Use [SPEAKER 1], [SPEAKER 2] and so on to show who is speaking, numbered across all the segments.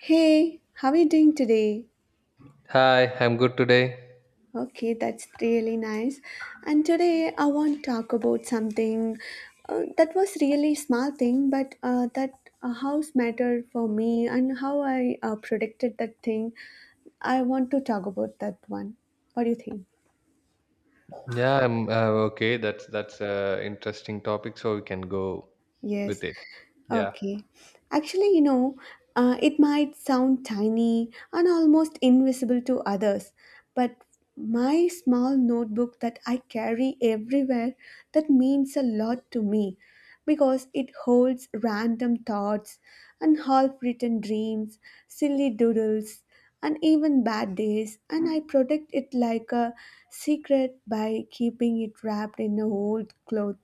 [SPEAKER 1] Hey, how are you doing today?
[SPEAKER 2] Hi, I'm good today.
[SPEAKER 1] Okay, that's really nice. And today I want to talk about something that was really small thing, but that house matter for me and how I protected that thing. I want to talk about that one. What do you think?
[SPEAKER 2] Yeah, I'm okay. That's a interesting topic, so we can go
[SPEAKER 1] Yes.
[SPEAKER 2] with it. Yeah.
[SPEAKER 1] Okay. Actually, it might sound tiny and almost invisible to others, but my small notebook that I carry everywhere, that means a lot to me because it holds random thoughts and half-written dreams, silly doodles, and even bad days, and I protect it like a secret by keeping it wrapped in an old cloth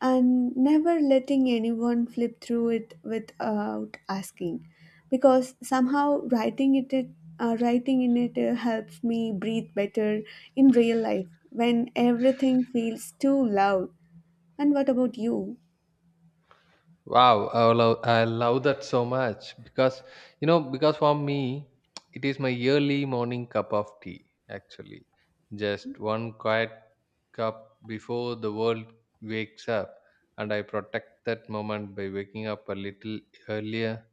[SPEAKER 1] and never letting anyone flip through it without asking because somehow writing it, writing in it helps me breathe better in real life when everything feels too loud. And what about you?
[SPEAKER 2] Wow, I love that so much because you know because for me it is my yearly morning cup of tea actually. Just one quiet cup before the world wakes up, and I protect that moment by waking up a little earlier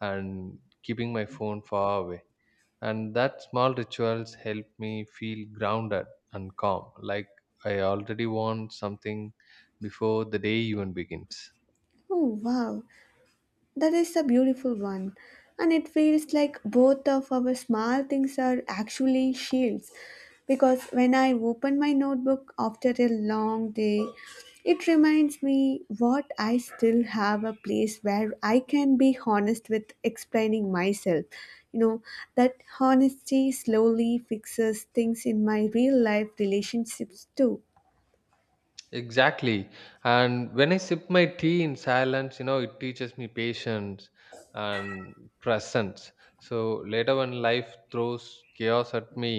[SPEAKER 2] and keeping my phone far away. And that small rituals help me feel grounded and calm, like I already want something before the day even begins.
[SPEAKER 1] Oh wow, that is a beautiful one. And it feels like both of our small things are actually shields. Because when I open my notebook after a long day, it reminds me what I still have, a place where I can be honest with explaining myself. You know, that honesty slowly fixes things in my real life relationships too.
[SPEAKER 2] Exactly. And when I sip my tea in silence, it teaches me patience and presence. So later, when life throws chaos at me,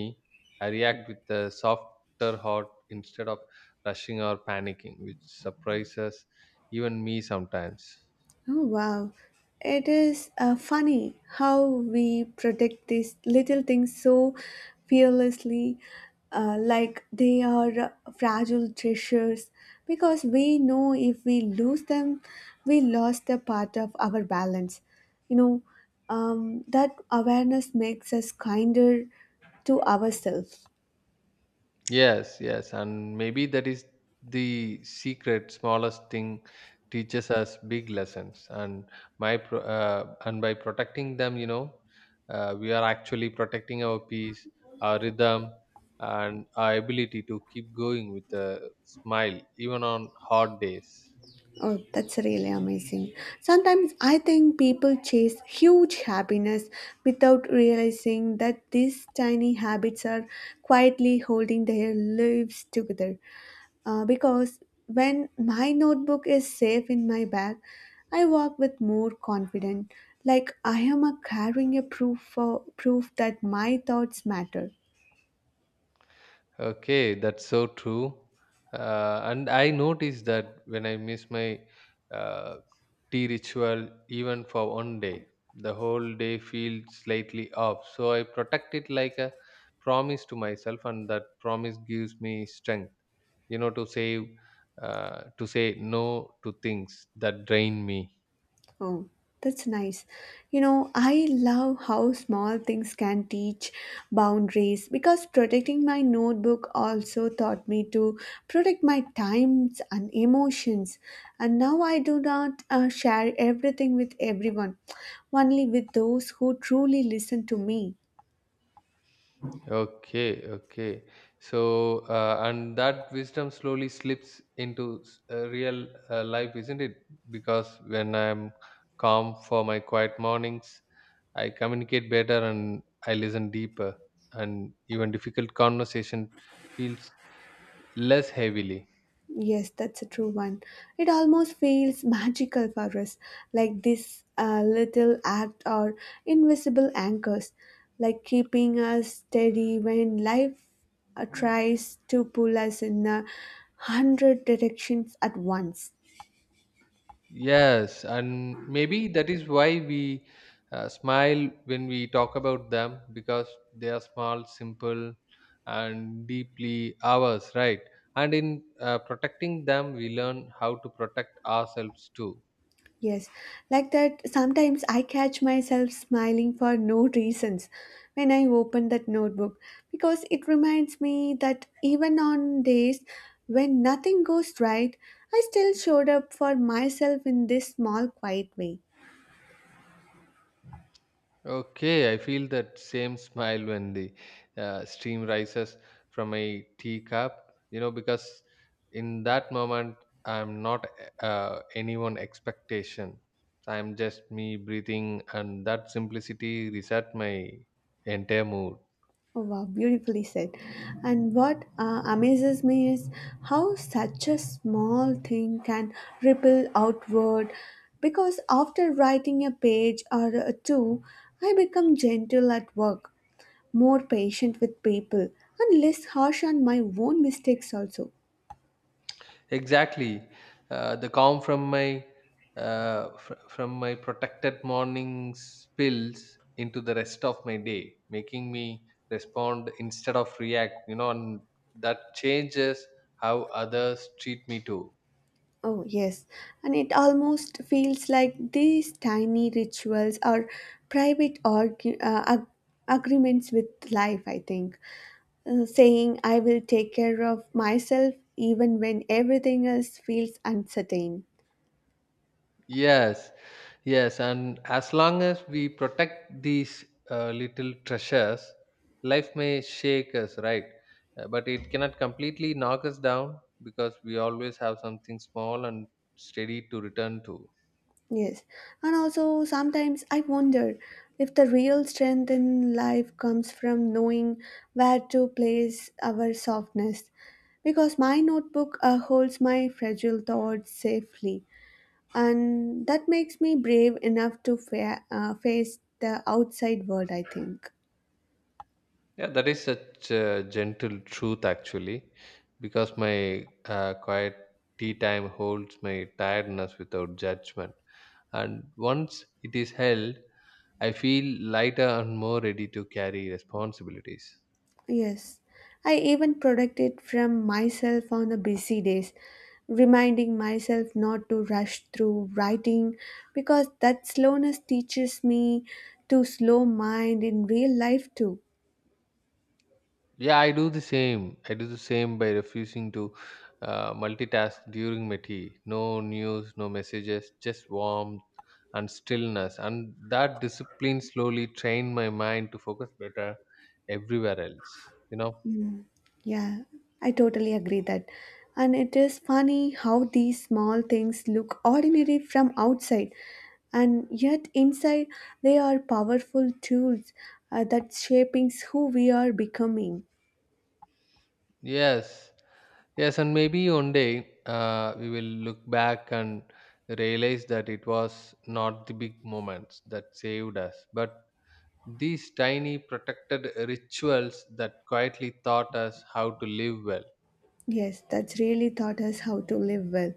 [SPEAKER 2] I react with a softer heart instead of rushing or panicking, which surprises even me sometimes.
[SPEAKER 1] Oh, wow. It is funny how we protect these little things so fearlessly, like they are fragile treasures, because we know if we lose them, we lost a part of our balance. You know, that awareness makes us kinder to ourselves.
[SPEAKER 2] Yes, yes, and maybe that is the secret. Smallest thing teaches us big lessons, and and by protecting them, we are actually protecting our peace, our rhythm, and our ability to keep going with a smile even on hard days.
[SPEAKER 1] Oh, that's really amazing. Sometimes I think people chase huge happiness without realizing that these tiny habits are quietly holding their lives together. Because when my notebook is safe in my bag, I walk with more confidence, like I am a carrying a proof for proof that my thoughts matter.
[SPEAKER 2] Okay, that's so true. And I noticed that when I miss my uh, tea ritual, even for one day, the whole day feels slightly off. So I protect it like a promise to myself, and that promise gives me strength, you know, to say, to say no to things that drain me.
[SPEAKER 1] Oh, that's nice. You know, I love how small things can teach boundaries because protecting my notebook also taught me to protect my times and emotions. And now I do not share everything with everyone, only with those who truly listen to me.
[SPEAKER 2] Okay, okay. And that wisdom slowly slips into real life, isn't it? Because when I'm calm for my quiet mornings, I communicate better and I listen deeper, and even difficult conversation feels less heavily.
[SPEAKER 1] Yes, that's a true one. It almost feels magical for us, like this little act or invisible anchors, like keeping us steady when life tries to pull us in a hundred directions at once.
[SPEAKER 2] Yes, and maybe that is why we smile when we talk about them, because they are small, simple, and deeply ours, right? And in protecting them, we learn how to protect ourselves too.
[SPEAKER 1] Yes, like that, sometimes I catch myself smiling for no reasons when I open that notebook because it reminds me that even on days when nothing goes right, I still showed up for myself in this small, quiet way.
[SPEAKER 2] Okay, I feel that same smile when the steam rises from a teacup, because in that moment I'm not anyone expectation. I'm just me breathing, and that simplicity reset my entire mood.
[SPEAKER 1] Oh, wow, beautifully said. And what amazes me is how such a small thing can ripple outward. Because after writing a page or two, I become gentle at work, more patient with people, and less harsh on my own mistakes also.
[SPEAKER 2] Exactly. The calm from my protected morning spills into the rest of my day, making me respond instead of react. You know, and that changes how others treat me too.
[SPEAKER 1] Oh, yes. And it almost feels like these tiny rituals are private argu- uh, ag- agreements with life, I think. Saying, I will take care of myself even when everything else feels uncertain.
[SPEAKER 2] Yes, yes, and as long as we protect these little treasures, life may shake us, right? But it cannot completely knock us down, because we always have something small and steady to return to.
[SPEAKER 1] Yes. And also, sometimes I wonder if the real strength in life comes from knowing where to place our softness. Because my notebook holds my fragile thoughts safely and that makes me brave enough to face the outside world, I think.
[SPEAKER 2] Yeah, that is such a gentle truth, actually, because my quiet tea time holds my tiredness without judgment. And once it is held, I feel lighter and more ready to carry responsibilities.
[SPEAKER 1] Yes, I even protect it from myself on the busy days, reminding myself not to rush through writing because that slowness teaches me to slow mind in real life too.
[SPEAKER 2] Yeah, I do the same. I do the same by refusing to multitask during my tea. No news, no messages, just warmth and stillness. And that discipline slowly trained my mind to focus better everywhere else. You know?
[SPEAKER 1] Yeah, I totally agree that. And it is funny how these small things look ordinary from outside, and yet inside they are powerful tools that shaping who we are becoming.
[SPEAKER 2] Yes. Yes. And maybe one day we will look back and realize that it was not the big moments that saved us, but these tiny protected rituals that quietly taught us how to live well.
[SPEAKER 1] Yes, that's really taught us how to live well.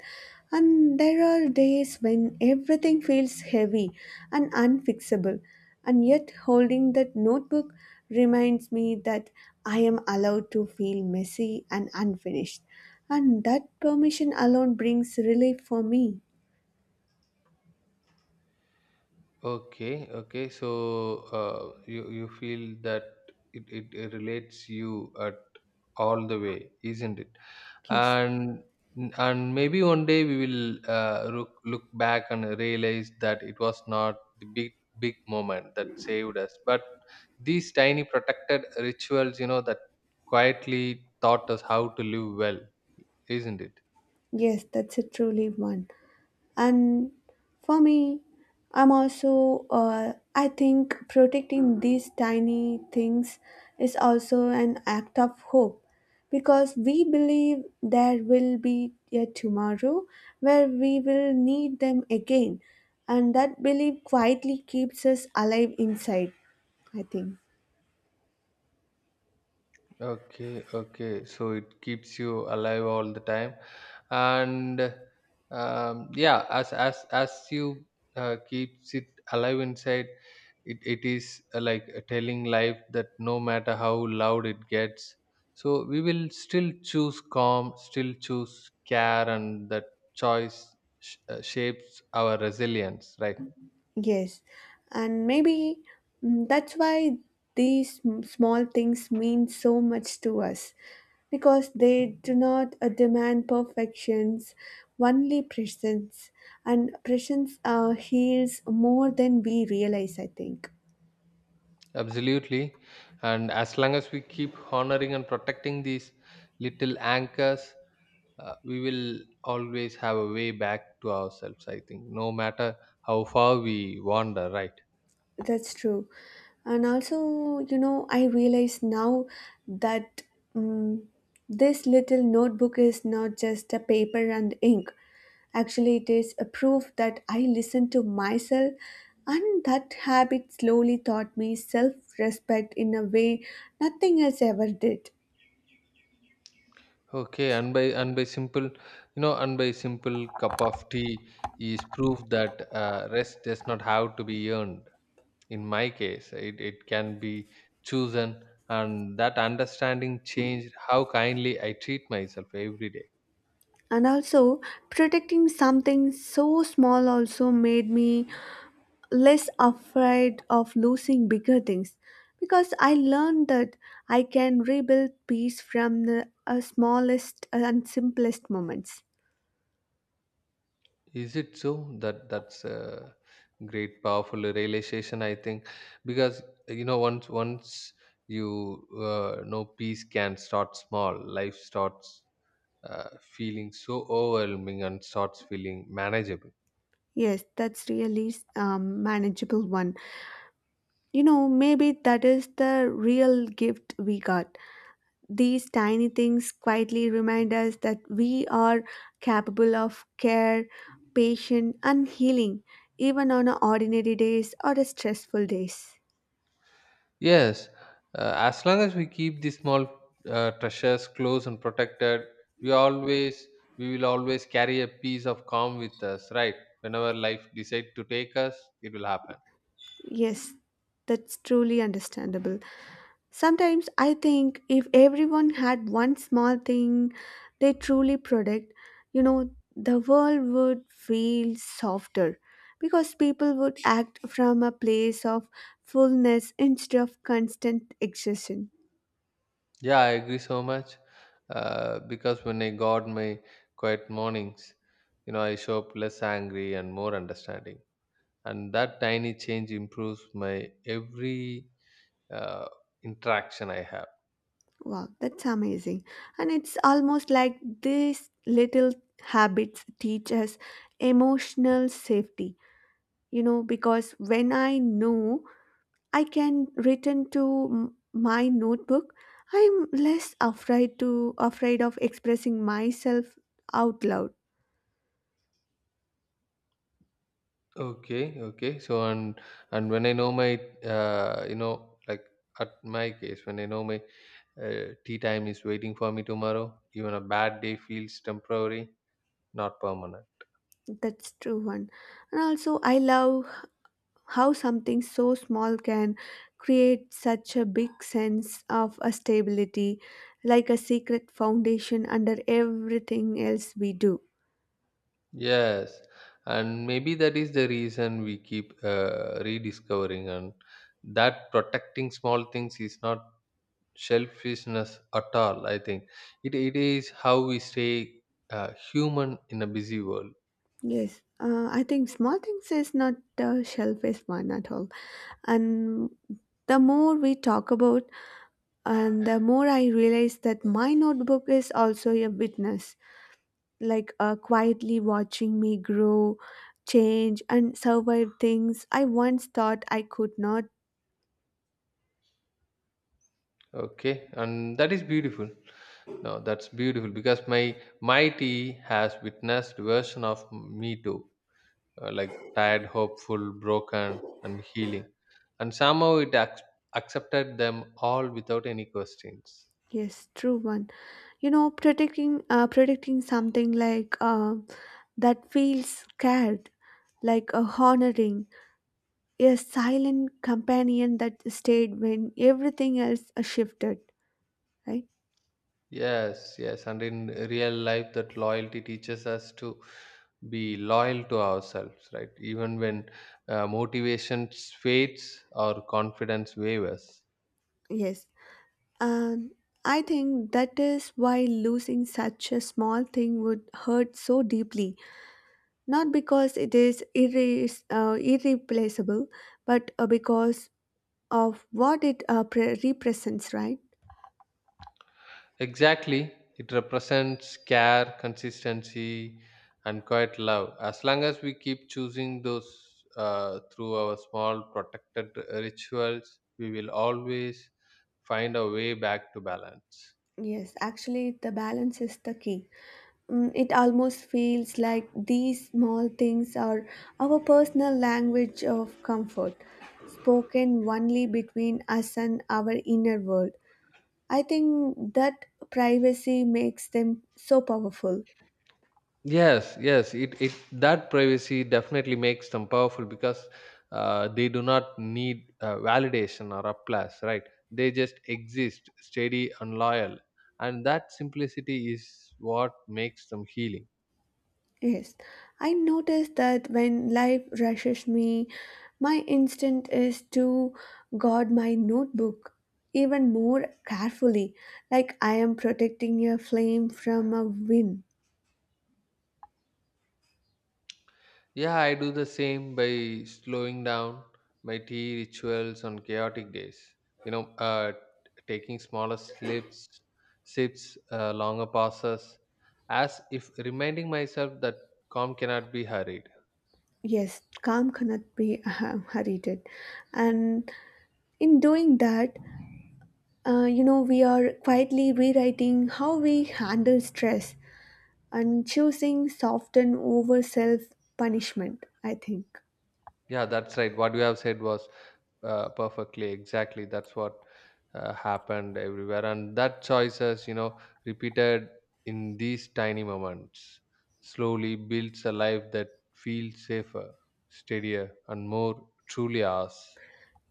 [SPEAKER 1] And there are days when everything feels heavy and unfixable, and yet holding that notebook reminds me that I am allowed to feel messy and unfinished. And that permission alone brings relief for me.
[SPEAKER 2] Okay, okay. So you feel that it relates you at all the way, isn't it?
[SPEAKER 1] Yes,
[SPEAKER 2] And and maybe one day we will look back and realize that it was not the big moment that saved us, but these tiny protected rituals, that quietly taught us how to live well, isn't it?
[SPEAKER 1] yes, that's a truly one. And for me, I'm also I think protecting these tiny things is also an act of hope because we believe there will be a tomorrow where we will need them again, and that belief quietly keeps us alive inside, I think.
[SPEAKER 2] Okay, okay. So it keeps you alive all the time, and yeah, as you keeps it alive inside, it is like telling life that no matter how loud it gets, so we will still choose calm, still choose care, and that choice shapes our resilience, right?
[SPEAKER 1] Yes, and maybe that's why small things mean so much to us because they do not demand perfections, only presence, and presence heals more than we realize, I think.
[SPEAKER 2] Absolutely. And as long as we keep honoring and protecting these little anchors, we will always have a way back to ourselves, I think, no matter how far we wander, right?
[SPEAKER 1] That's true. And also, you know, I realize now that um, this little notebook is not just a paper and ink. Actually, it is a proof that I listen to myself, and that habit slowly taught me self respect in a way nothing else ever did.
[SPEAKER 2] Okay, and by simple, you know, and by simple cup of tea is proof that rest does not have to be earned. In my case, it can be chosen, and that understanding changed how kindly I treat myself every day.
[SPEAKER 1] And also, protecting something so small also made me less afraid of losing bigger things because I learned that I can rebuild peace from the smallest and simplest moments.
[SPEAKER 2] Is it so? That's a great, powerful realization, I think, because once you know peace can start small, life starts feeling so overwhelming and starts feeling manageable.
[SPEAKER 1] Yes, that's really manageable one. You know, maybe that is the real gift we got. These tiny things quietly remind us that we are capable of care, patience, and healing, even on ordinary days or stressful days.
[SPEAKER 2] Yes, as long as we keep these small treasures close and protected, we always we will always carry a piece of calm with us, right? Whenever life decides to take us, it will happen.
[SPEAKER 1] Yes, that's truly understandable. Sometimes I think if everyone had one small thing they truly protect, you know, the world would feel softer because people would act from a place of fullness instead of constant exhaustion.
[SPEAKER 2] Yeah, I agree so much. Because when I guard my quiet mornings, I show up less angry and more understanding. And that tiny change improves my every uh, interaction I have.
[SPEAKER 1] Wow, that's amazing. And it's almost like these little habits teach us emotional safety. You know, because when I know I can return to my notebook. I'm less afraid to afraid of expressing myself out loud.
[SPEAKER 2] Okay, okay. So and when I know my, like at my case, when I know my tea time is waiting for me tomorrow, even a bad day feels temporary, not permanent.
[SPEAKER 1] That's true one. And also I love how something so small can create such a big sense of a stability, like a secret foundation under everything else we do.
[SPEAKER 2] Yes, and maybe that is the reason we keep rediscovering, and that protecting small things is not selfishness at all. I think it is how we stay human in a busy world.
[SPEAKER 1] Yes. I think small things is not a selfish one at all. And the more we talk about, and the more I realize that my notebook is also a witness, like quietly watching me grow, change, and survive things I once thought I could not.
[SPEAKER 2] Okay, and that is beautiful. No, that's beautiful because my tea has witnessed version of me too. Like tired, hopeful, broken, and healing. And somehow it accepted them all without any questions.
[SPEAKER 1] Yes, true one. You know, predicting something like that feels scared, like a honoring, a silent companion that stayed when everything else shifted. Right?
[SPEAKER 2] Yes, yes. And in real life, that loyalty teaches us to be loyal to ourselves, right? Even when motivation fades or confidence wavers.
[SPEAKER 1] Yes. And I think that is why losing such a small thing would hurt so deeply. Not because it is irreplaceable, but because of what it represents, right?
[SPEAKER 2] Exactly. It represents care, consistency, and quiet love. As long as we keep choosing those through our small protected rituals, we will always find a way back to balance.
[SPEAKER 1] Yes, actually, the balance is the key. Mm, it almost feels like these small things are our personal language of comfort, spoken only between us and our inner world. I think that privacy makes them so powerful.
[SPEAKER 2] Yes, yes. It that privacy definitely makes them powerful, because they do not need validation or applause, right? They just exist, steady and loyal, and that simplicity is what makes them healing.
[SPEAKER 1] Yes, I notice that when life rushes me, my instinct is to guard my notebook even more carefully, like I am protecting a flame from a wind.
[SPEAKER 2] Yeah, I do the same by slowing down my tea rituals on chaotic days. You know, uh, taking smaller sips, longer pauses, as if reminding myself that calm cannot be hurried.
[SPEAKER 1] Yes, calm cannot be hurried. And in doing that, you know, we are quietly rewriting how we handle stress and choosing soften over self punishment, I think.
[SPEAKER 2] Yeah, that's right. What you have said was perfectly exactly. That's what happened everywhere, and that choices, repeated in these tiny moments, slowly builds a life that feels safer, steadier, and more truly ours.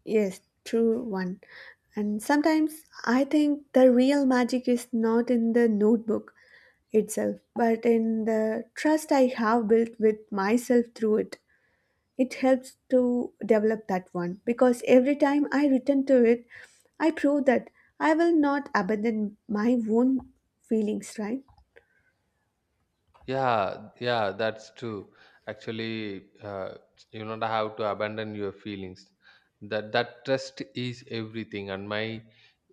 [SPEAKER 1] Yes, true one. And sometimes I think the real magic is not in the notebook itself, but in the trust I have built with myself through it. It helps to develop that one because every time I return to it, I prove that I will not abandon my own feelings, right?
[SPEAKER 2] Yeah, yeah, that's true. Actually, you don't have to abandon your feelings. That trust is everything. And my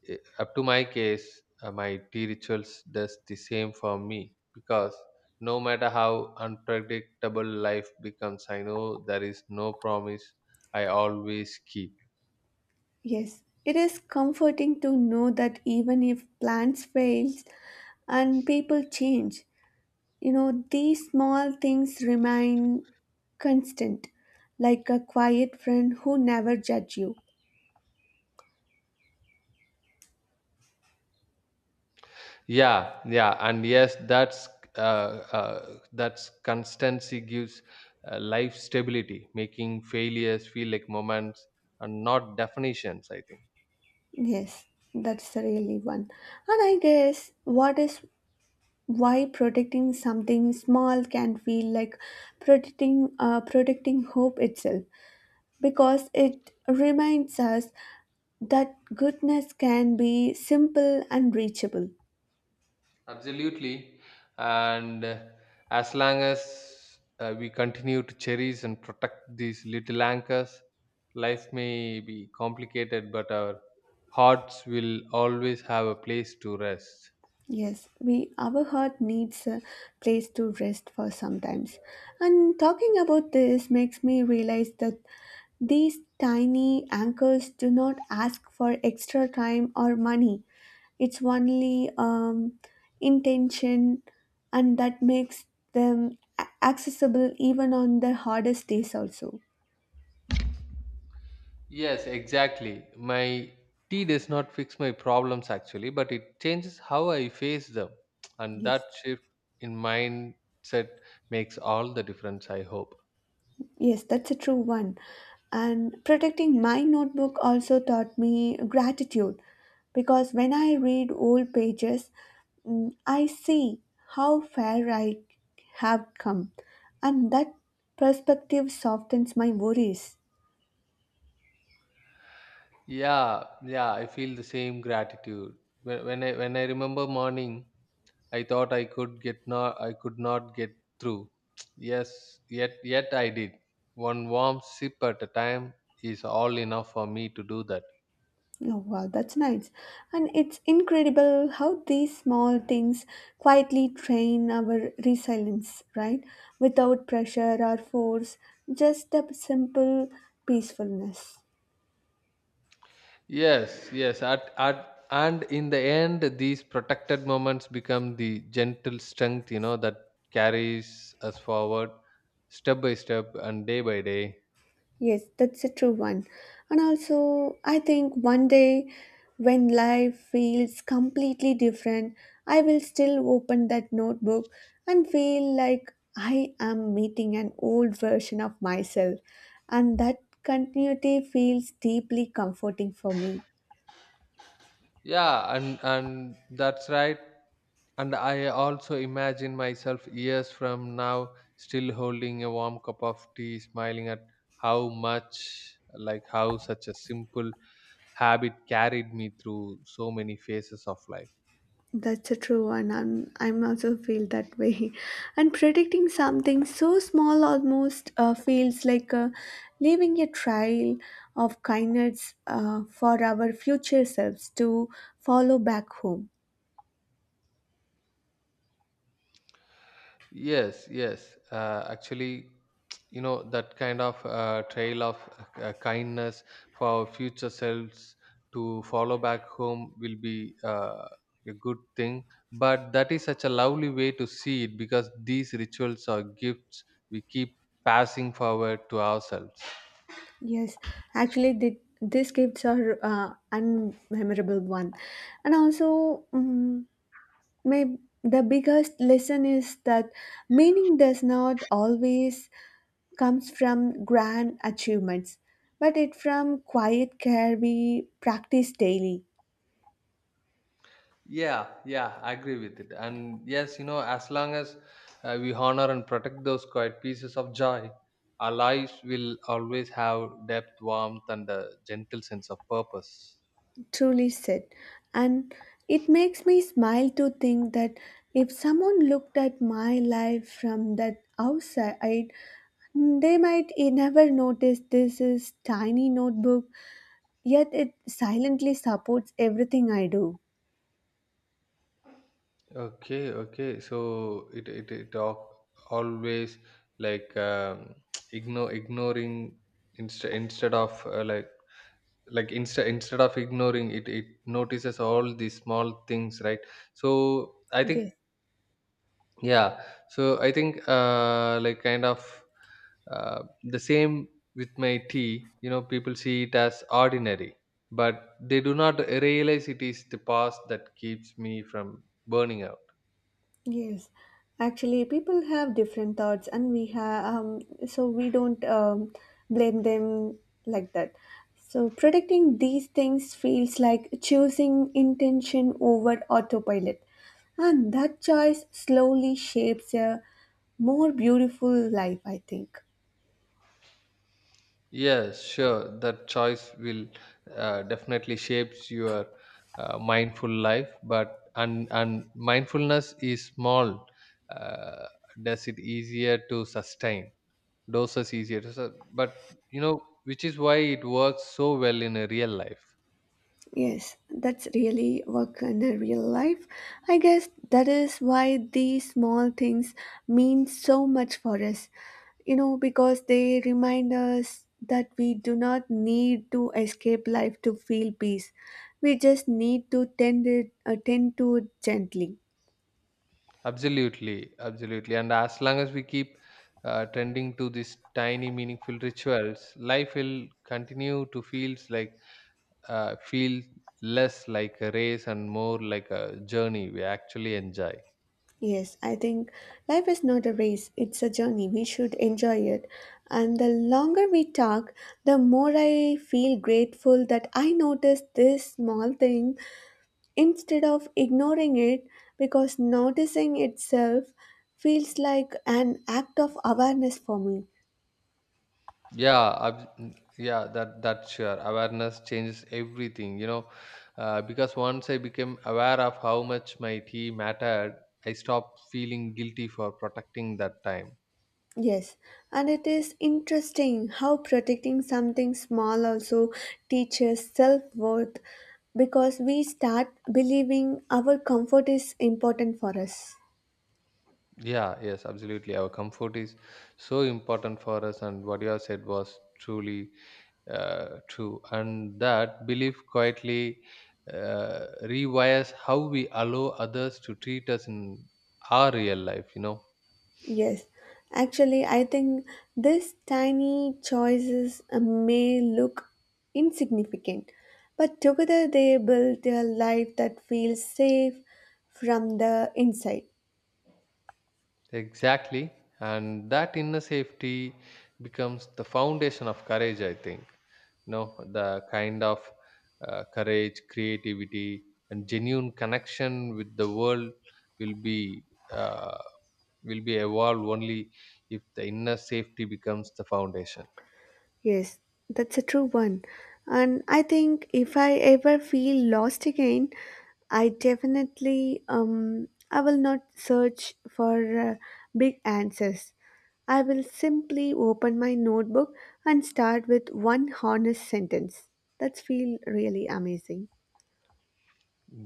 [SPEAKER 2] eh, up to my case, my tea rituals does the same for me, because no matter how unpredictable life becomes, I know there is no promise I always keep.
[SPEAKER 1] Yes, it is comforting to know that even if plans fail and people change, you know, these small things remain constant, like a quiet friend who never judge you.
[SPEAKER 2] Yeah, yeah, and yes, that's constancy gives life stability, making failures feel like moments and not definitions, I think.
[SPEAKER 1] Yes, that's the really one. And I guess what is why protecting something small can feel like protecting hope itself because it reminds us that goodness can be simple and reachable.
[SPEAKER 2] Absolutely. And as long as we continue to cherish and protect these little anchors, life may be complicated, but our hearts will always have a place to rest.
[SPEAKER 1] Yes, we our heart needs a place to rest for sometimes. And talking about this makes me realize that these tiny anchors do not ask for extra time or money. It's only intention, and that makes them accessible even on the hardest days also.
[SPEAKER 2] Yes, exactly. My tea does not fix my problems actually, but it changes how I face them. And that
[SPEAKER 1] Yes.
[SPEAKER 2] shift in mindset makes all the difference, I hope.
[SPEAKER 1] Yes, that's a true one. And protecting my notebook also taught me gratitude because when I read old pages, I see how far I have come, and that perspective softens my worries.
[SPEAKER 2] Yeah, yeah, I feel the same gratitude. When I remember morning, I thought I could not get through. Yes, yet I did. One warm sip at a time is all enough for me to do that.
[SPEAKER 1] Oh, wow, that's nice. And it's incredible how these small things quietly train our resilience, right? Without pressure or force, just a simple peacefulness.
[SPEAKER 2] Yes, yes. And in the end, these protected moments become the gentle strength, that carries us forward step by step and day by day.
[SPEAKER 1] Yes, that's a true one. And also, I think one day when life feels completely different, I will still open that notebook and feel like I am meeting an old version of myself. And that continuity feels deeply comforting for me.
[SPEAKER 2] Yeah, and that's right. And I also imagine myself years from now still holding a warm cup of tea, smiling at how much, like how such a simple habit carried me through so many phases of life.
[SPEAKER 1] That's a true one. I'm also feel that way, and predicting something so small almost feels like leaving a trail of kindness for our future selves to follow back home.
[SPEAKER 2] Yes, yes. Actually, that kind of trail of kindness for our future selves to follow back home will be a good thing. But that is such a lovely way to see it, because these rituals are gifts we keep passing forward to ourselves.
[SPEAKER 1] Yes, actually, the, these gifts are unmemorable one, and also maybe the biggest lesson is that meaning does not always comes from grand achievements, but it from quiet care we practice daily.
[SPEAKER 2] Yeah, yeah, I agree with it. And yes, as long as we honor and protect those quiet pieces of joy, our lives will always have depth, warmth, and a gentle sense of purpose.
[SPEAKER 1] Truly said. And it makes me smile to think that if someone looked at my life from that outside, they might never notice this is tiny notebook, yet it silently supports everything I do.
[SPEAKER 2] Okay, okay. So it always, like ignore ignoring instead of like instead of ignoring, it notices all these small things, right? So I think.
[SPEAKER 1] Yes.
[SPEAKER 2] Yeah, so I think, like kind of the same with my tea. You know, people see it as ordinary, but they do not realize it is the past that keeps me from burning out.
[SPEAKER 1] Yes, actually, people have different thoughts, and we have so we don't blame them like that. So predicting these things feels like choosing intention over autopilot, and that choice slowly shapes a more beautiful life, I think.
[SPEAKER 2] Yes, sure. That choice will definitely shapes your mindful life, but and mindfulness is small. Uh, does it easier to sustain? Doses easier to. But, you know, which is why it works so well in a real life.
[SPEAKER 1] Yes, that's really work in a real life. I guess that is why these small things mean so much for us. You know, because they remind us that we do not need to escape life to feel peace. We just need to tend it, tend to it gently.
[SPEAKER 2] Absolutely, absolutely. And as long as we keep tending to these tiny, meaningful rituals, life will continue to feel less like a race and more like a journey we actually enjoy.
[SPEAKER 1] Yes, I think life is not a race, it's a journey. We should enjoy it. And the longer we talk, the more I feel grateful that I noticed this small thing instead of ignoring it because noticing itself feels like an act of awareness for me.
[SPEAKER 2] Yeah, yeah, that's sure awareness changes everything, because once I became aware of how much my tea mattered, I stopped feeling guilty for protecting that time.
[SPEAKER 1] Yes, and it is interesting how protecting something small also teaches self worth because we start believing our comfort is important for us.
[SPEAKER 2] Yeah, yes, absolutely. Our comfort is so important for us, and what you have said was truly true, and that belief quietly rewires how we allow others to treat us in our real life.
[SPEAKER 1] Yes, actually, I think these tiny choices may look insignificant, but together they build a life that feels safe from the inside.
[SPEAKER 2] Exactly. And that inner safety becomes the foundation of courage, I think. You know, the kind of courage, creativity, and genuine connection with the world will be uh, will be evolved only if the inner safety becomes the foundation.
[SPEAKER 1] Yes, that's a true one. And I think if I ever feel lost again, I definitely I will not search for uh, big answers. I will simply open my notebook and start with one honest sentence. That's feel really amazing.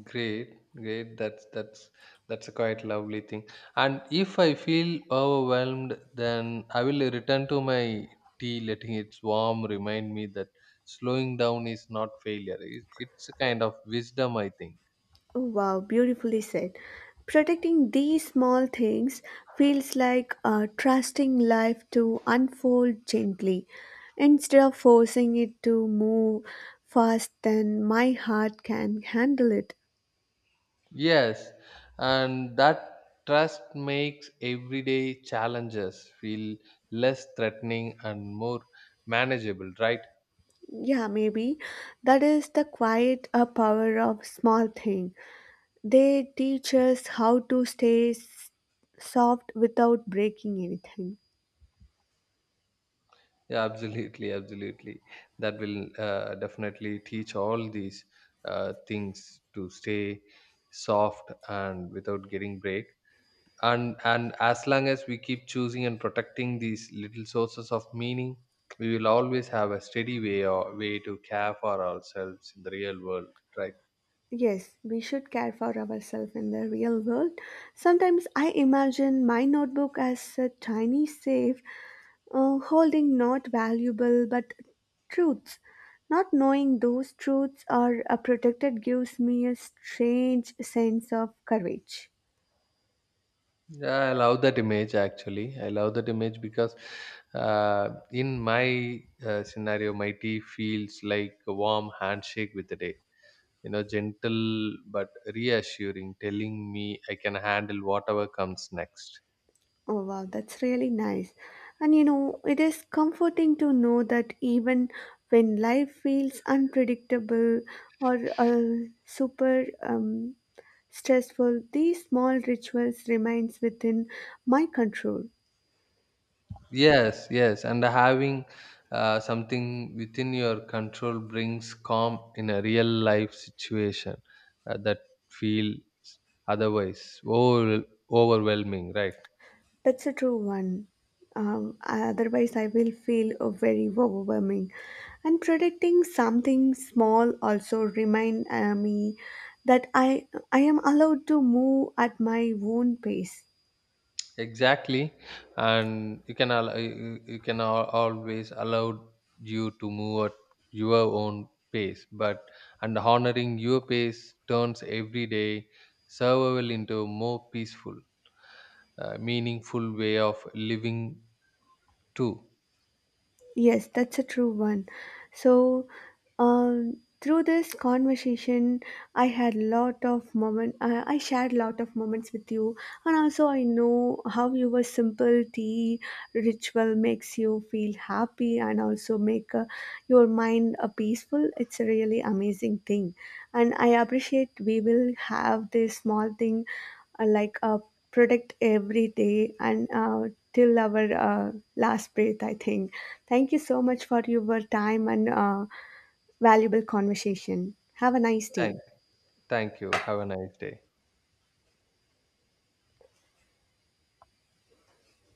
[SPEAKER 2] Great, great. That's a quite lovely thing. And if I feel overwhelmed, then I will return to my tea, letting it warm remind me that slowing down is not failure. It's a kind of wisdom, I think.
[SPEAKER 1] Oh, wow, beautifully said. Protecting these small things feels like trusting life to unfold gently instead of forcing it to move fast than my heart can handle it.
[SPEAKER 2] Yes, and that trust makes everyday challenges feel less threatening and more manageable, right?
[SPEAKER 1] Yeah, maybe that is the quiet power of small thing. They teach us how to stay soft without breaking anything.
[SPEAKER 2] Yeah, absolutely, absolutely. That will definitely teach all these things to stay soft and without getting break. And as long as we keep choosing and protecting these little sources of meaning, we will always have a steady way to care for ourselves in the real world, right?
[SPEAKER 1] Yes, we should care for ourselves in the real world. Sometimes I imagine my notebook as a tiny safe holding not valuable but truths. Not knowing those truths are protected gives me a strange sense of courage.
[SPEAKER 2] Yeah, I love that image actually. I love that image because in my scenario, my tea feels like a warm handshake with the day, gentle but reassuring, telling me I can handle whatever comes next.
[SPEAKER 1] Oh, wow, that's really nice. And you know, it is comforting to know that even when life feels unpredictable or super stressful, these small rituals remains within my control.
[SPEAKER 2] Yes, yes, and having something within your control brings calm in a real life situation that feels otherwise over- overwhelming, right?
[SPEAKER 1] That's a true one. Otherwise, I will feel very overwhelming. And predicting something small also remind me that I am allowed to move at my own pace.
[SPEAKER 2] Exactly, and you can always allow you to move at your own pace, but and honoring your pace turns every day survival into a more peaceful, meaningful way of living too.
[SPEAKER 1] Yes, that's a true one. So, through this conversation, I had lot of moment. I shared lot of moments with you, and also I know how your simple tea ritual makes you feel happy and also make your mind peaceful. It's a really amazing thing, and I appreciate we will have this small thing like a protect every day and till our last breath, I think. Thank you so much for your time and valuable conversation. Have a nice
[SPEAKER 2] Thank,
[SPEAKER 1] day.
[SPEAKER 2] thank you. Have a nice day.